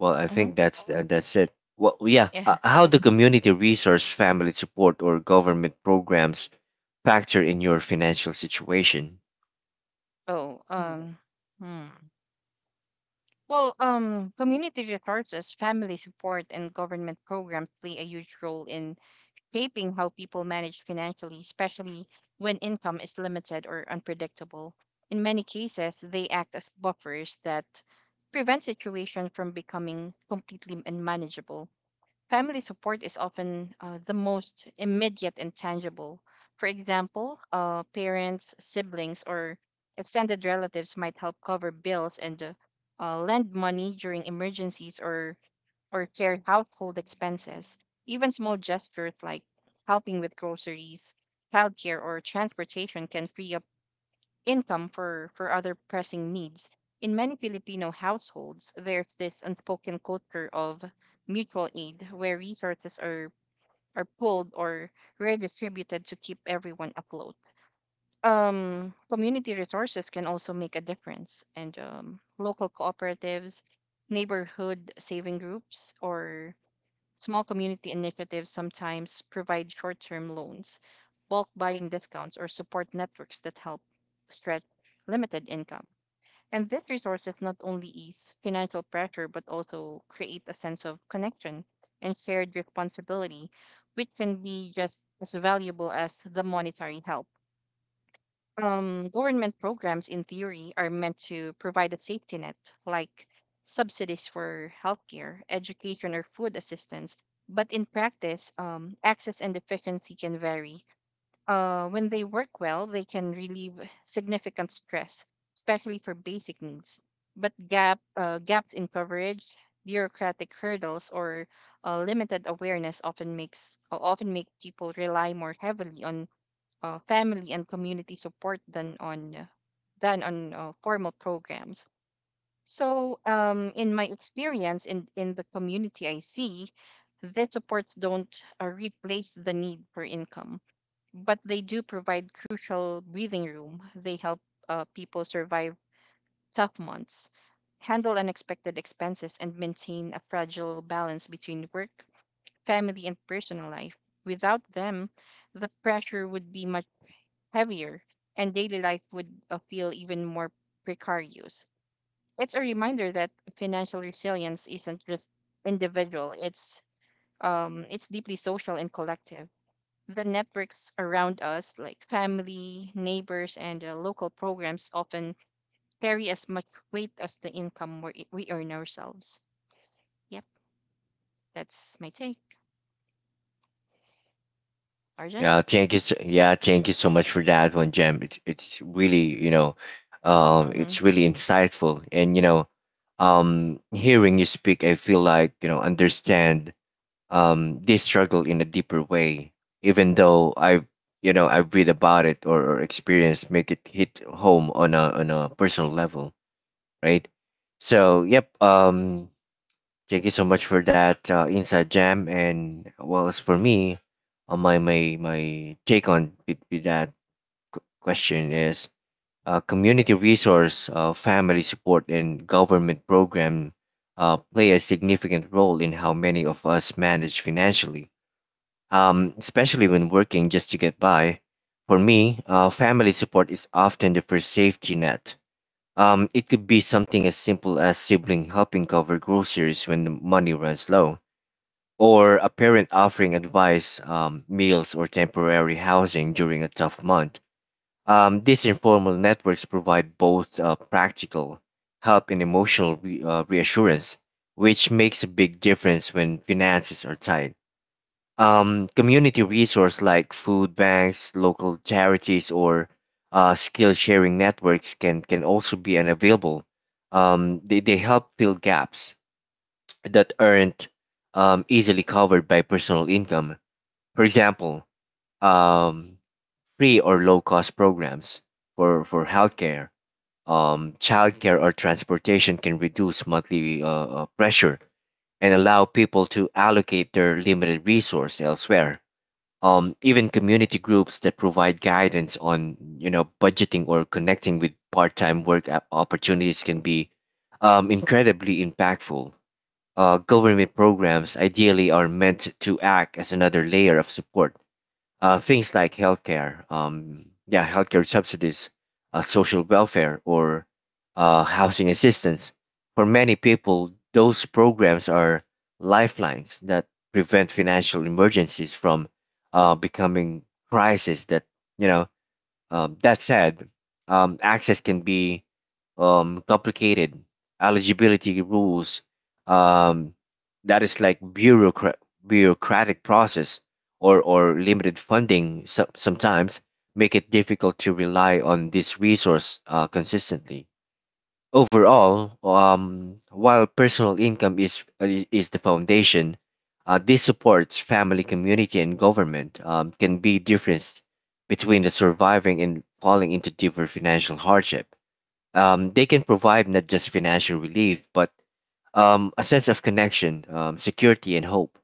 Speaker 1: well, I
Speaker 2: Mm-hmm.
Speaker 1: think that's it. Well, yeah,
Speaker 2: Yeah.
Speaker 1: how do community resource, family support, or government programs factor in your financial situation?
Speaker 2: Oh, um, hmm. Community resources, family support, and government programs play a huge role in shaping how people manage financially, especially when income is limited or unpredictable. In many cases, they act as buffers that prevent situations from becoming completely unmanageable. Family support is often, the most immediate and tangible. For example, parents, siblings, or extended relatives might help cover bills and, lend money during emergencies or share household expenses. Even small gestures like helping with groceries, childcare, or transportation can free up income for other pressing needs. In many Filipino households, there's this unspoken culture of mutual aid where resources are pulled or redistributed to keep everyone afloat. Community resources can also make a difference, and, local cooperatives, neighborhood saving groups, or small community initiatives sometimes provide short term loans, bulk buying discounts, or support networks that help stretch limited income. And these resources not only ease financial pressure but also create a sense of connection and shared responsibility, which can be just as valuable as the monetary help. Government programs, in theory, are meant to provide a safety net, like subsidies for healthcare, education, or food assistance. But in practice, access and efficiency can vary. When they work well, they can relieve significant stress, especially for basic needs. But gaps in coverage, bureaucratic hurdles, or, limited awareness often make people rely more heavily on, family and community support than on formal programs. So, in my experience in the community I see, the supports don't, replace the need for income, but they do provide crucial breathing room. They help, people survive tough months, handle unexpected expenses, and maintain a fragile balance between work, family, and personal life. Without them, the pressure would be much heavier, and daily life would, feel even more precarious. It's a reminder that financial resilience isn't just individual; it's, it's deeply social and collective. The networks around us, like family, neighbors, and local programs, often carry as much weight as the income we earn ourselves. Yep, that's my take, Arjun.
Speaker 1: Yeah, thank you. So, yeah, thank you so much for that one, Jem. It's really, you know,
Speaker 2: Mm-hmm.
Speaker 1: it's really insightful, and, you know, hearing you speak, I feel like, you know, understand this struggle in a deeper way, even though I've, you know, I've read about it, or experienced, make it hit home on a, on a personal level, right? So yep, thank you so much for that inside jam. And well, as for me, my take on with that question is, community resource, family support, and government program play a significant role in how many of us manage financially, especially when working just to get by. For me, family support is often the first safety net. It could be something as simple as sibling helping cover groceries when the money runs low, or a parent offering advice, meals, or temporary housing during a tough month. These informal networks provide both practical help and emotional reassurance, which makes a big difference when finances are tight. Community resources like food banks, local charities, or skill sharing networks can also be unavailable. They help fill gaps that aren't easily covered by personal income. For example, um, free or low cost programs for healthcare, childcare, or transportation can reduce monthly pressure and allow people to allocate their limited resource elsewhere. Even community groups that provide guidance on, you know, budgeting or connecting with part-time work opportunities can be incredibly impactful. Government programs ideally are meant to act as another layer of support. Things like healthcare, yeah, healthcare subsidies, social welfare, or housing assistance. For many people, those programs are lifelines that prevent financial emergencies from becoming crises that, you know, that said, access can be complicated. Eligibility rules, um, that is like bureaucratic process, or limited funding sometimes make it difficult to rely on this resource consistently. Overall, while personal income is, is the foundation, this supports family, community, and government, can be difference between the surviving and falling into deeper financial hardship. They can provide not just financial relief, but a sense of connection, security, and hope.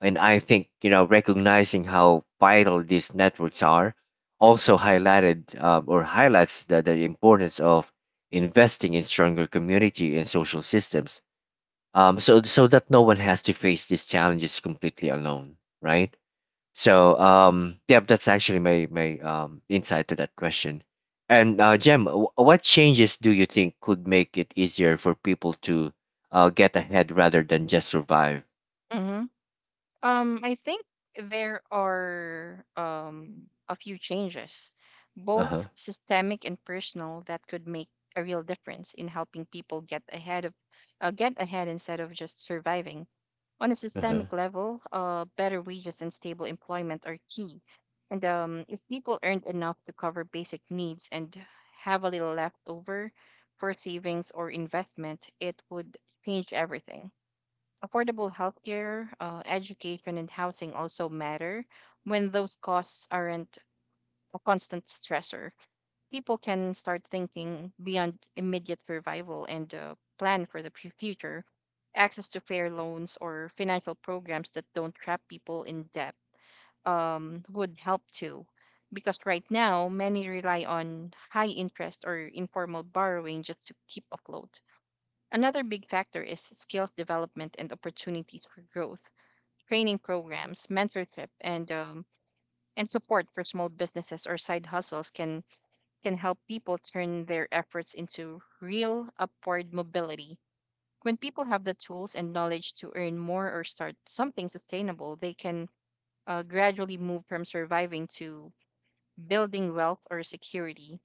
Speaker 1: And I think, you know, recognizing how vital these networks are also highlighted, or highlights the importance of investing in stronger community and social systems. So so that no one has to face these challenges completely alone, right? So yeah, that's actually my my insight to that question. And Jem, what changes do you think could make it easier for people to get ahead rather than just survive?
Speaker 2: Mm-hmm. I think there are a few changes,
Speaker 1: Uh
Speaker 2: both
Speaker 1: huh.
Speaker 2: systemic and personal, that could make a real difference in helping people get ahead instead of just surviving. On a
Speaker 1: Uh huh.
Speaker 2: systemic level, better wages and stable employment are key. And if people earned enough to cover basic needs and have a little left over for savings or investment, it would change everything. Affordable healthcare, education, and housing also matter when those costs aren't a constant stressor. People can start thinking beyond immediate survival and plan for the future. Access to fair loans or financial programs that don't trap people in debt would help too. Because right now, many rely on high interest or informal borrowing just to keep afloat. Another big factor is skills development and opportunities for growth. Training programs, mentorship, and support for small businesses or side hustles can help people turn their efforts into real upward mobility. When people have the tools and knowledge to earn more or start something sustainable, they can gradually move from surviving to building wealth or security.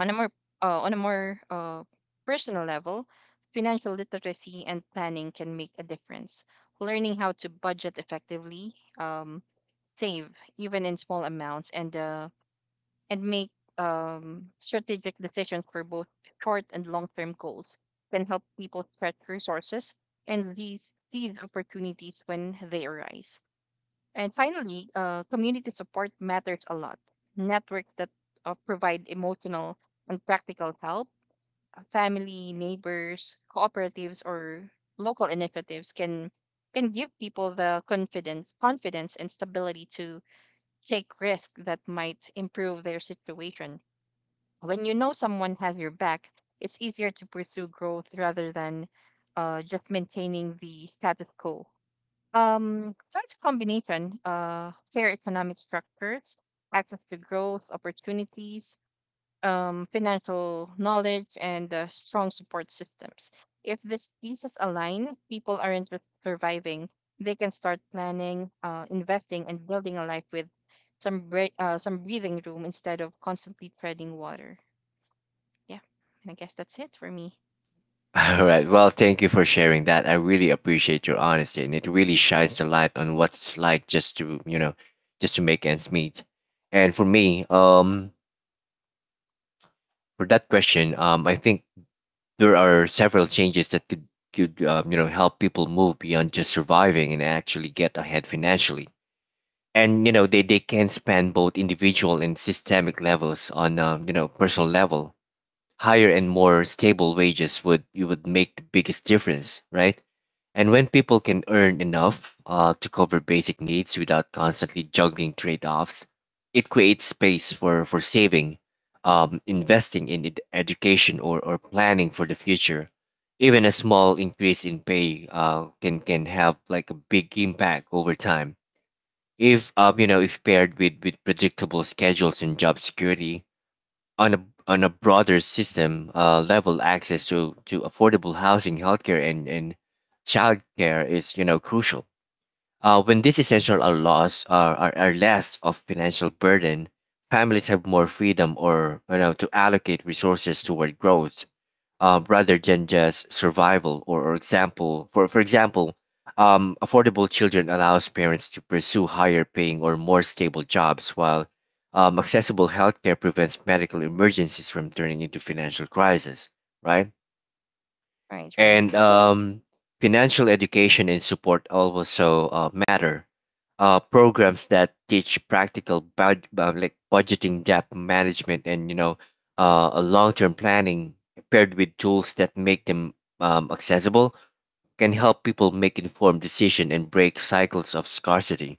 Speaker 2: On a more on a more personal level, financial literacy and planning can make a difference. Learning how to budget effectively, um, save even in small amounts and make strategic decisions for both short and long term goals can help people stretch resources and these opportunities when they arise. And finally, community support matters a lot. Networks that provide emotional and practical help, family, neighbors, cooperatives, or local initiatives can give people the confidence and stability to take risks that might improve their situation. When you know someone has your back, it's easier to pursue growth rather than just maintaining the status quo. So it's a combination, fair economic structures, access to growth opportunities, financial knowledge and strong support systems. If these pieces align, people aren't just surviving; they can start planning, investing, and building a life with some breathing room instead of constantly treading water. Yeah, and I guess that's it for me.
Speaker 1: All right. Well, thank you for sharing that. I really appreciate your honesty, and it really shines the light on what it's like just to, you know, just to make ends meet. And for me, for that question, I think there are several changes that could you know help people move beyond just surviving and actually get ahead financially. And you know they can span both individual and systemic levels. On, you know, personal level, higher and more stable wages would you would make the biggest difference, right? And when people can earn enough to cover basic needs without constantly juggling trade offs, it creates space for saving, investing in education, or planning for the future. Even a small increase in pay can have like a big impact over time. If you know if paired with predictable schedules and job security, on a on a broader system level, access to affordable housing, healthcare, and childcare is crucial. When these essential are lost, are less of financial burden, families have more freedom or to allocate resources toward growth rather than just survival or example for example. Affordable children allows parents to pursue higher paying or more stable jobs while accessible healthcare prevents medical emergencies from turning into financial crisis, right.
Speaker 2: Right,
Speaker 1: and
Speaker 2: right.
Speaker 1: Financial education and support also matter. Programs that teach practical like budgeting, debt management, and a long-term planning paired with tools that make them accessible can help people make informed decision and break cycles of scarcity.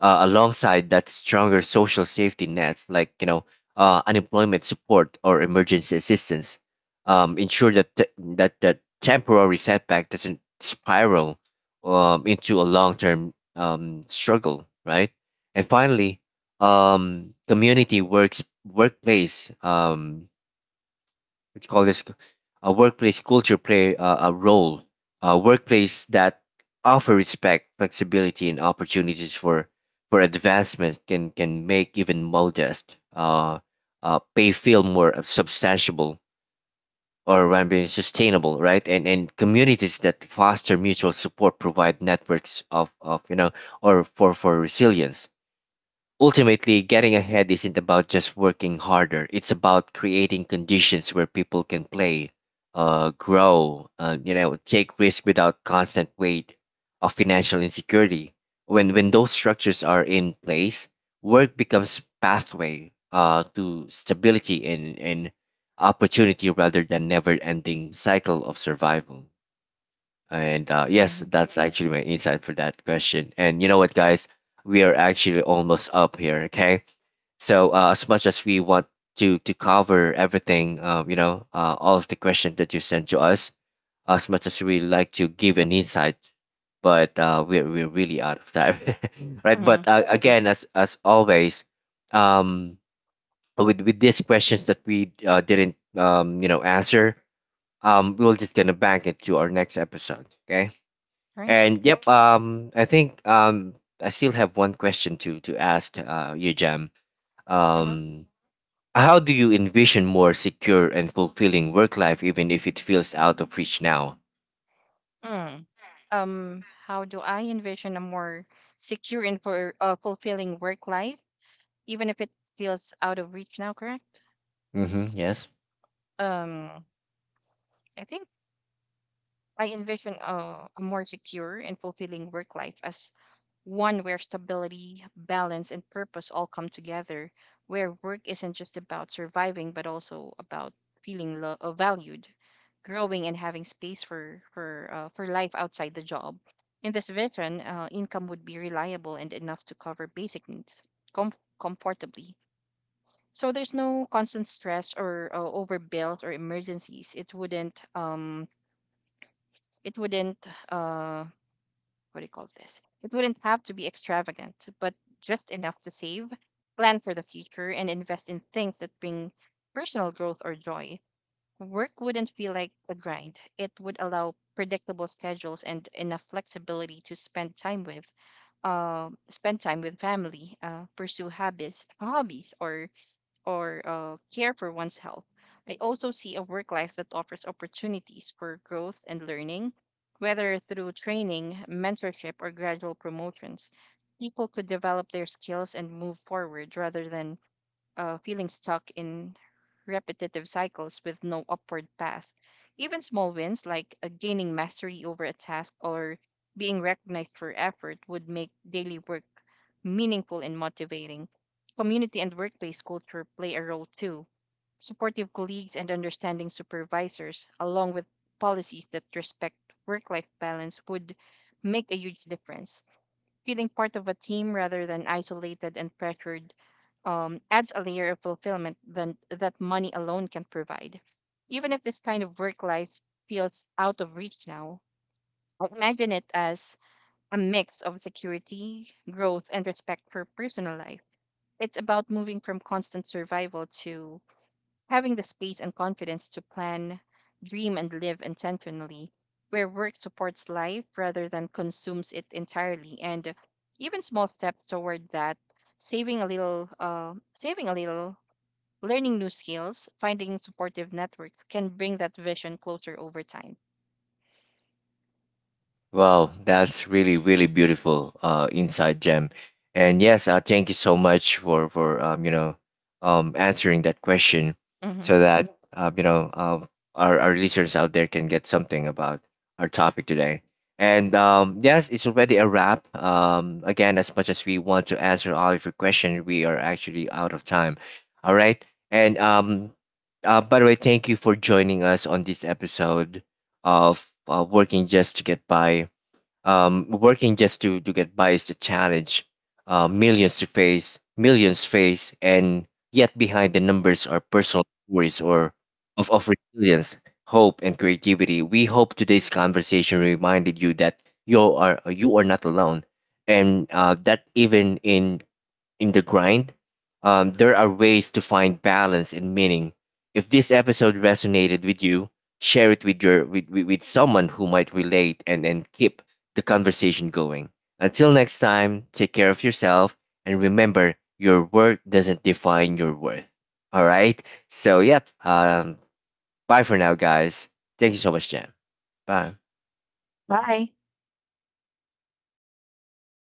Speaker 1: Alongside that, stronger social safety nets like unemployment support or emergency assistance ensure that that temporary setback doesn't spiral into a long-term struggle, right. And finally um, community works workplace what you call this workplace culture play a role. A workplace that offer respect, flexibility, and opportunities for advancement can make even modest pay feel more substantiable, or rather sustainable, right. And communities that foster mutual support provide networks of you know or for resilience. Ultimately, getting ahead isn't about just working harder. It's about creating conditions where people can play, grow, take risk without constant weight of financial insecurity. When those structures are in place, work becomes pathway to stability and opportunity rather than never-ending cycle of survival. And yes,
Speaker 2: Mm-hmm.
Speaker 1: that's actually my insight for that question. And you know what, guys? We are actually almost up here, okay? So as much as we want to cover everything, all of the questions that you sent to us, as much as we like to give an insight, but we're really out of time, right?
Speaker 2: Hmm.
Speaker 1: But again, as always, um, with these questions that we didn't answer, we're just gonna bank it to our next episode, okay?
Speaker 2: Right.
Speaker 1: And yep, I think I still have one question to ask you, Jam.
Speaker 2: Mm-hmm.
Speaker 1: Um, how do you envision more secure and fulfilling work life even if it feels out of reach now?
Speaker 2: Mm. How do I envision a more secure and for fulfilling work life, even if it feels out of reach now? Correct.
Speaker 1: Hmm, yes.
Speaker 2: Um, I think I envision a more secure and fulfilling work life as one where stability, balance, and purpose all come together, where work isn't just about surviving, but also about feeling valued, growing, and having space for life outside the job. In this vision, income would be reliable and enough to cover basic needs com- comfortably. So there's no constant stress or overbuilt or emergencies. It wouldn't uh what do you call this it wouldn't have to be extravagant, but just enough to save, plan for the future, and invest in things that bring personal growth or joy. Work wouldn't feel like a grind. It would allow predictable schedules and enough flexibility to spend time with family, pursue hobbies or care for one's health. I also see a work life that offers opportunities for growth and learning, whether through training, mentorship, or gradual promotions. People could develop their skills and move forward rather than feeling stuck in repetitive cycles with no upward path. Even small wins like gaining mastery over a task or being recognized for effort would make daily work meaningful and motivating. Community and workplace culture play a role too. Supportive colleagues and understanding supervisors, along with policies that respect work life balance, would make a huge difference. Feeling part of a team rather than isolated and pressured adds a layer of fulfillment that money alone can provide. Even if this kind of work life feels out of reach now, I imagine it as a mix of security, growth, and respect for personal life. It's about moving from constant survival to having the space and confidence to plan, dream, and live intentionally, where work supports life rather than consumes it entirely, and even small steps toward that, saving a little, learning new skills, finding supportive networks can bring that vision closer over time.
Speaker 1: Well, that's really, really beautiful inside gem. And yes, thank you so much for answering that question,
Speaker 2: Hmm.
Speaker 1: so that our listeners out there can get something about our topic today. And yes, it's already a wrap. Again, as much as we want to answer all of your questions, we are actually out of time. All right. And by the way, thank you for joining us on this episode of Working Just to Get By. Working just to get by is the challenge millions face, and yet behind the numbers are personal stories or of resilience, hope, and creativity. We hope today's conversation reminded you that you are not alone, and that even in the grind, there are ways to find balance and meaning. If this episode resonated with you, share it with your with someone who might relate, and keep the conversation going. Until next time, take care of yourself and remember your work doesn't define your worth. All right. So yep. Bye for now, guys. Thank you so much, Jam. Bye.
Speaker 2: Bye.